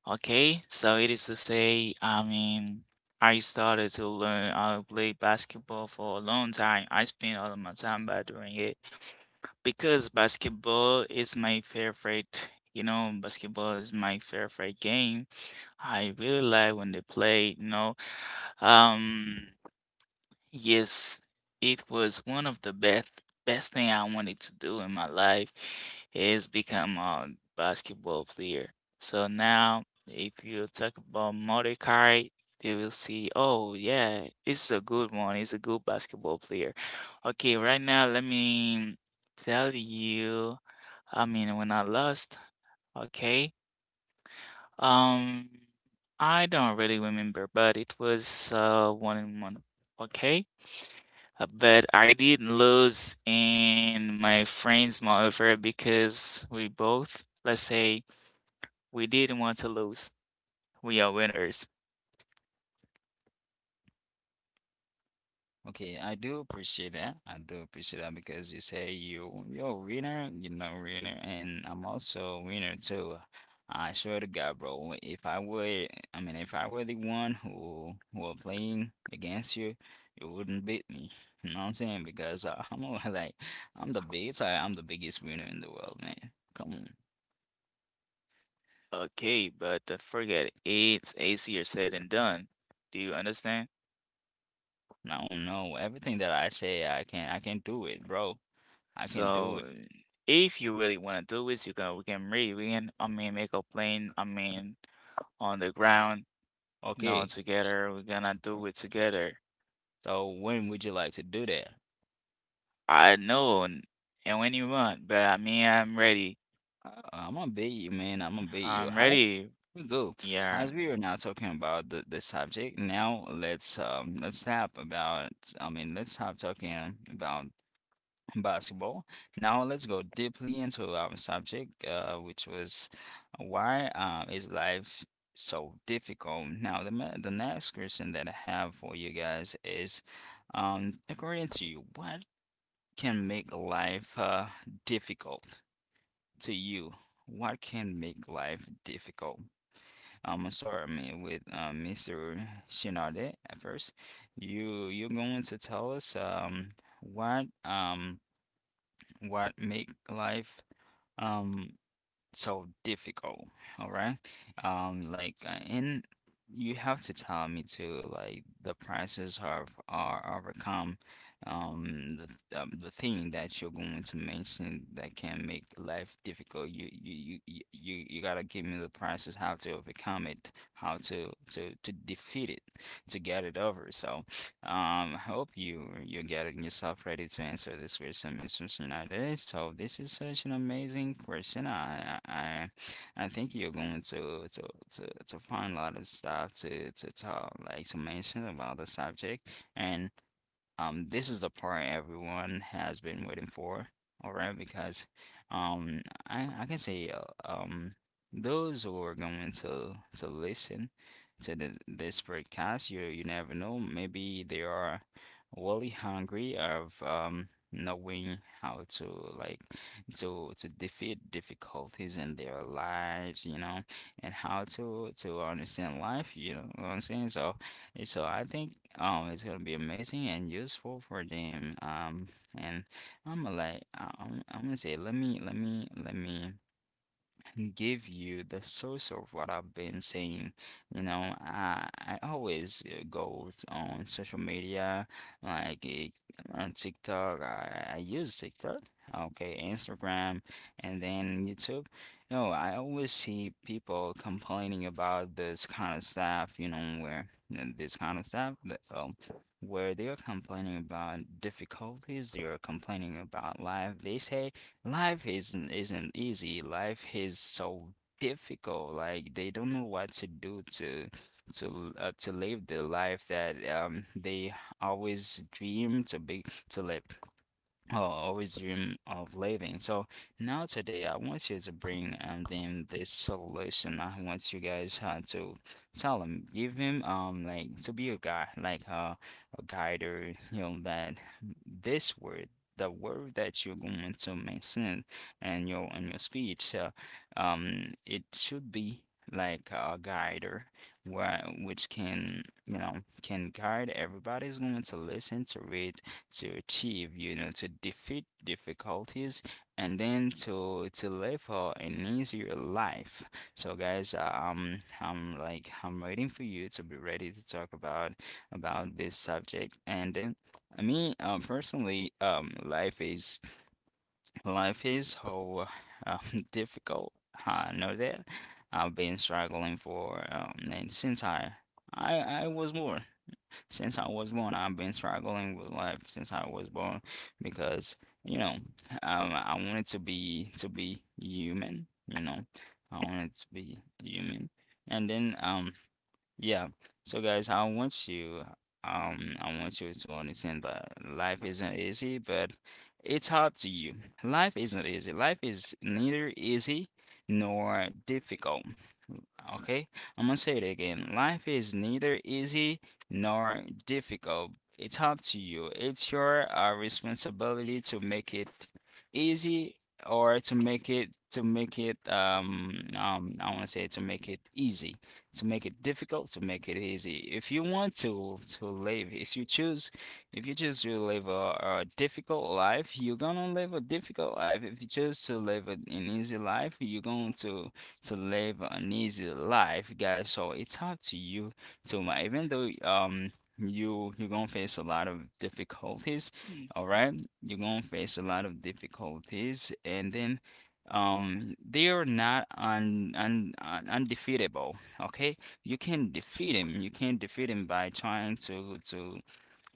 [SPEAKER 2] Okay, so it is to say, I mean, I started to learn how to play basketball for a long time. I spent all of my time by doing it because basketball is my favorite. You know, basketball is my favorite game. I really like when they play, you know. Um, Yes, it was one of the best best thing I wanted to do in my life, is become a basketball player. So now, if you talk about Mario Kart, they will see, oh yeah, it's a good one. It's a good basketball player. Okay, right now let me tell you. I mean, when I lost, okay, um, I don't really remember, but it was uh one in one. Okay. Uh, But I did lose in my friends, moreover, because we both, let's say, we didn't want to lose. We are winners.
[SPEAKER 1] Okay, I do appreciate that. I do appreciate that because you say you you're a winner, you know, winner, and I'm also a winner too. I swear to God, bro. If I were, I mean, if I were the one who who are playing against you, you wouldn't beat me. *laughs* You know what I'm saying? Because uh, *laughs* I'm all like, I'm the biggest. I, I'm the biggest winner in the world, man. Come on.
[SPEAKER 2] Okay, but uh, forget it. It's easier said than done. Do you understand?
[SPEAKER 1] I don't know. Everything that I say, I can I can do it, bro. I can do it.
[SPEAKER 2] So, if you really want to do it, you can we can really win. I mean, make a plane. I mean, on the ground, you know,
[SPEAKER 1] Okay.
[SPEAKER 2] together. We're gonna do it together.
[SPEAKER 1] So when would you like to do that?
[SPEAKER 2] I know, and and when you want, but I mean, I'm ready.
[SPEAKER 1] Uh, I'm gonna beat you, man. I'm gonna beat you.
[SPEAKER 2] I'm
[SPEAKER 1] How's
[SPEAKER 2] ready.
[SPEAKER 1] we go?
[SPEAKER 2] Yeah.
[SPEAKER 1] As we are now talking about the, the subject, now let's um let's tap about, I mean, let's stop talking about basketball. Now let's go deeply into our subject, uh, which was why uh, is life so difficult? Now the ma- the next question that I have for you guys is, um, according to you, what can make life uh difficult? To you, what can make life difficult? Um, sorry, I mean, with uh, Mister Shinade at first, you you're going to tell us um what um what make life um so difficult, all right? Um, like, uh, and you have to tell me too, like the prices are are overcome, um, the th- um, the thing that you're going to mention that can make life difficult. You you you you you you gotta give me the prices, how to overcome it, how to to to defeat it, to get it over. So. Um, hope you you're getting yourself ready to answer this question, Mister Schneider. So this is such an amazing question. I I I I think you're going to to to to find a lot of stuff to to talk, like to mention about the subject. And um, this is the part everyone has been waiting for, all right? Because um, I I can say uh, um, those who are going to to listen to the, this podcast, you you never know, maybe they are really hungry of um knowing how to like to to defeat difficulties in their lives, you know, and how to to understand life, you know what I'm saying? So and so I think um it's gonna be amazing and useful for them. Um, and I'm gonna like I- I'm I'm gonna say let me let me let me give you the source of what I've been saying. You know, I, I always uh, go on social media, like eh, uh, on TikTok. I, I use TikTok, okay, Instagram, and then YouTube. You know, I always see people complaining about this kind of stuff, you know, where you know, this kind of stuff, that, um, where they are complaining about difficulties, they are complaining about life. They say life isn't isn't easy. Life is so difficult. Like they don't know what to do to to uh, to live the life that um they always dream to be to live or always dream of living. So now today, I want you to bring um, them this solution. I want you guys uh, to tell him, give him um like to be a guy, like uh, a guide or you know that this word. The word that you're going to mention in your in your speech, uh, um, it should be like a guide or where which can you know can guide everybody's going to listen to it to achieve, you know, to defeat difficulties and then to to live for an easier life. So guys, uh, um, I'm like I'm waiting for you to be ready to talk about about this subject. And then me, um, personally, um, life is life is so um, *laughs* difficult. I know that I've been struggling for um and since I I I was born since I was born. I've been struggling with life since I was born because, you know, um, I wanted to be to be human, you know. I wanted to be human. And then um Yeah. So guys, I want you um I want you to understand that life isn't easy, but it's up to you. Life isn't easy. Life is neither easy nor difficult. Okay, I'm gonna say it again. Life is neither easy nor difficult. It's up to you. It's your uh, responsibility to make it easy or to make it to make it um um I want to say to make it easy, to make it difficult, to make it easy. If you want to to live, if you choose, if you choose to live a, a difficult life, you're gonna live a difficult life. If you choose to live an an easy life, you're going to to live an easy life, guys. So it's up to you to ma- even though um you you're gonna face a lot of difficulties,
[SPEAKER 2] Mm.
[SPEAKER 1] all right? You're gonna face a lot of difficulties, and then um they are not un, un, un undefeatable. Okay, you can defeat him. You can defeat him by trying to to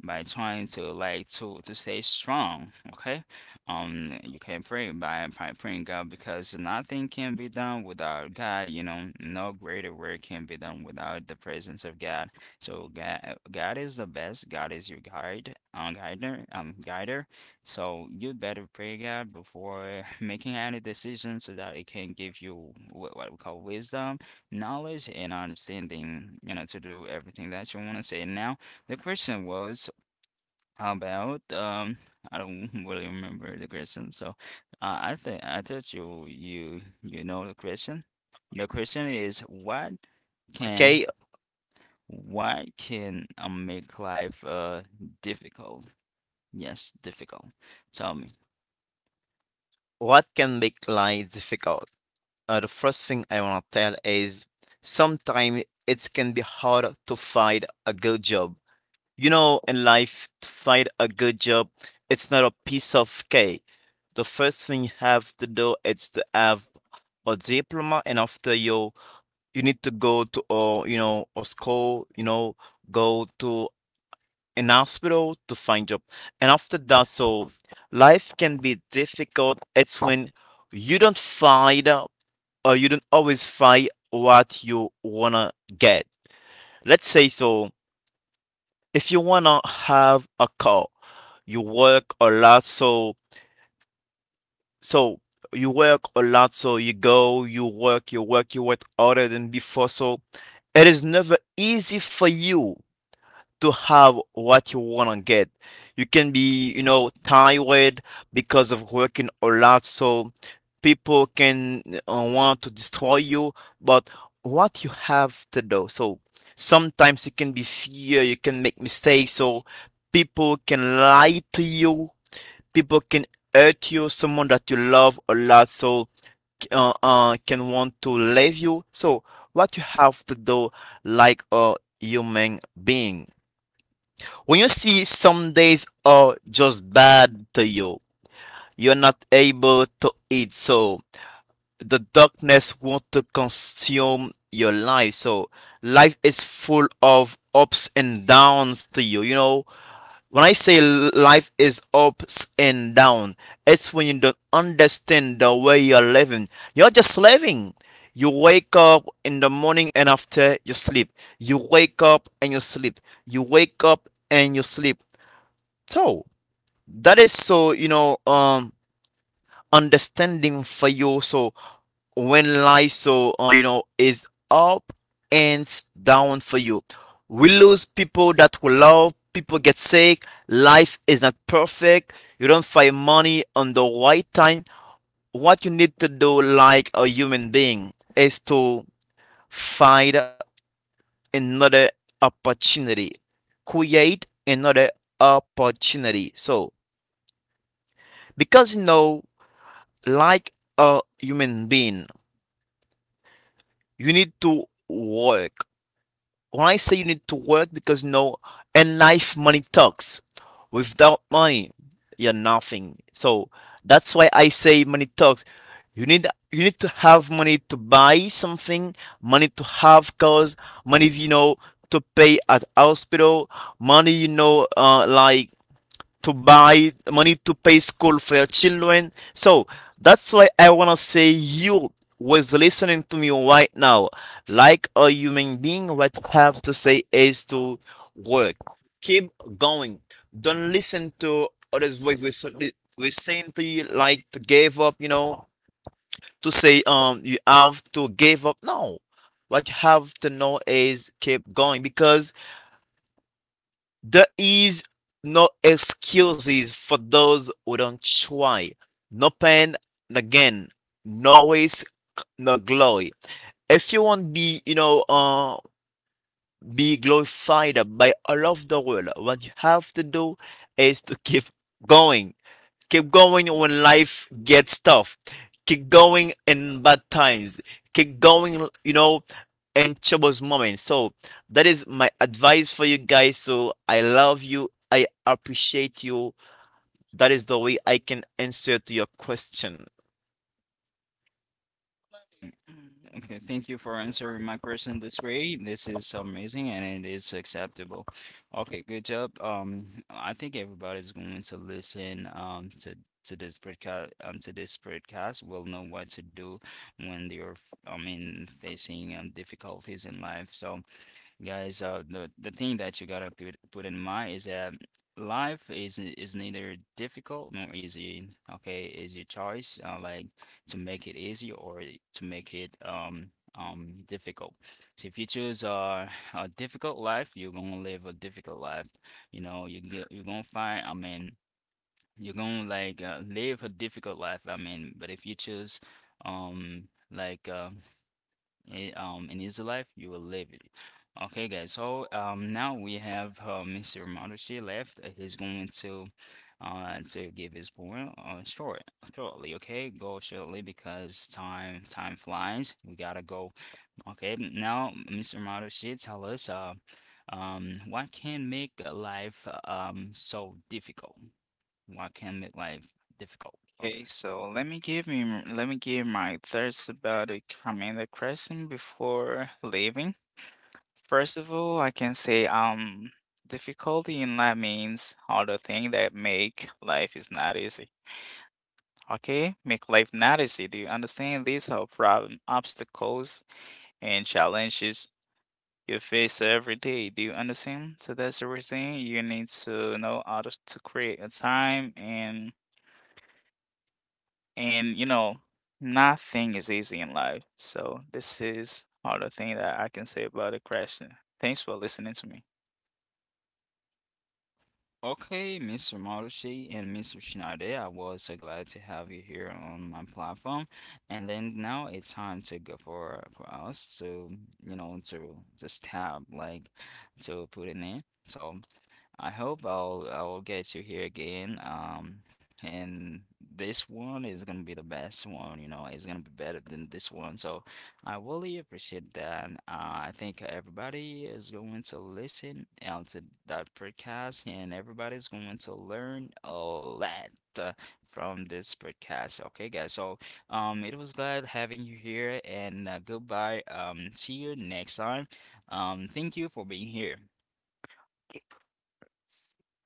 [SPEAKER 1] by trying to like to to stay strong. Okay, um, you can pray by by praying God because nothing can be done without God. You know, no greater work can be done without the presence of God. So God, God is the best. God is your guide, um, guider, um, guider. So you better pray God before *laughs* making any decision, so that it can give you what, what we call wisdom, knowledge, and understanding. You know, to do everything that you want to say. Now, the question was. How about um I don't *laughs* really remember the question, so uh, I think I thought you you you know the question. The question is what can
[SPEAKER 3] Okay,
[SPEAKER 1] what can uh, make life uh difficult? Yes, difficult. Tell me.
[SPEAKER 3] what can make life difficult? Uh, the first thing I want to tell is sometimes it can be hard to find a good job. You know, in life, to find a good job, it's not a piece of cake. The first thing you have to do is to have a diploma, and after you, you need to go to a, you know, a school, you know, go to an hospital to find job. And after that, so life can be difficult. It's when you don't find uh, or you don't always find what you wanna get, let's say. So if you wanna have a car, you work a lot. So So you work a lot, so you go, you work, you work, you work harder than before. So it is never easy for you to have what you want to get. You can be, you know, tired because of working a lot. So people can uh, want to destroy you, but what you have to do. So sometimes you can be fear, you can make mistakes. So people can lie to you, people can hurt you, someone that you love a lot, so uh, uh, can want to leave you. So what you have to do, like a human being, when you see some days are just bad to you, you're not able to eat, so the darkness want to consume your life. So life is full of ups and downs to you, you know. When I say life is ups and down, it's when you don't understand the way you're living. You're just living. You wake up in the morning and after you sleep. You wake up and you sleep. You wake up and you sleep. So that is so you know um understanding for you. So when life, so uh, you know, is up and down for you, we lose people that we love. People get sick. Life is not perfect. You don't find money on the right time. What you need to do, like a human being, is to find another opportunity, create another opportunity. So because you know, like a human being, you need to work. When I say you need to work, because no, in life, money talks. Without money, you're nothing. So that's why I say money talks. You need you need to have money to buy something, money to have cars, money you know to pay at hospital, money you know uh, like to buy money to pay school for your children. So that's why I want to say you was listening to me right now, like a human being, what I have to say is to work, keep going, don't listen to others voice, we're, so- we're saying to you like to give up, you know, to say um you have to give up. No, what you have to know is keep going, because there is no excuses for those who don't try. No pain, no gain, no waste, no glory. If you want to be, you know, uh, be glorified by all of the world, what you have to do is to keep going. Keep going when life gets tough. Keep going in bad times. Keep going, you know, in troubles moments. So that is my advice for you guys. So I love you. I appreciate you. That is the way I can answer to your question.
[SPEAKER 1] Okay, thank you for answering my question this way. This is amazing and it is acceptable. Okay, good job. Um, I think everybody's going to listen um to to this podcast um to this podcast will know what to do when they're f- I mean facing um difficulties in life. So guys, uh, the the thing that you gotta put put in mind is that life is is neither difficult nor easy. Okay, is your choice uh, like to make it easy or to make it um um difficult. So if you choose uh, a difficult life, you're gonna live a difficult life. You know, you get, you're gonna find. I mean, you're gonna like uh, live a difficult life. I mean, but if you choose um like uh eh, um an easy life, you will live it. Okay, guys. So um now we have uh, mister Marushi left. Uh, He's going to uh to give his point uh, short shortly. Okay, go shortly because time time flies. We gotta go. Okay, now mister Marushi, tell us uh um what can make a life uh, um so difficult? What can make life difficult? Okay.
[SPEAKER 2] Okay, so let me give me m- let me give my thoughts about the commander question before leaving. First of all, I can say, um difficulty in life means all the things that make life is not easy. Okay, make life not easy. Do you understand? These are problem, obstacles, and challenges you face every day. Do you understand? So that's the reason you need to know how to, to create a time and and you know, nothing is easy in life. So this is all the thing that I can say about the question. Thanks for listening to me.
[SPEAKER 1] Okay, mister Marushi and mister Shinade, I was so glad to have you here on my platform. And then now it's time to go for for us to, you know, to just tab like to put in there. So I hope I'll I'll get you here again. Um, and This one is gonna be the best one, you know, it's gonna be better than this one. So I really appreciate that. Uh, I think everybody is going to listen uh, to that podcast, and everybody's going to learn a lot uh, from this podcast, okay, guys. So, um, it was glad having you here, and uh, goodbye. Um, see you next time. Um, thank you for being here.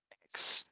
[SPEAKER 2] Thanks.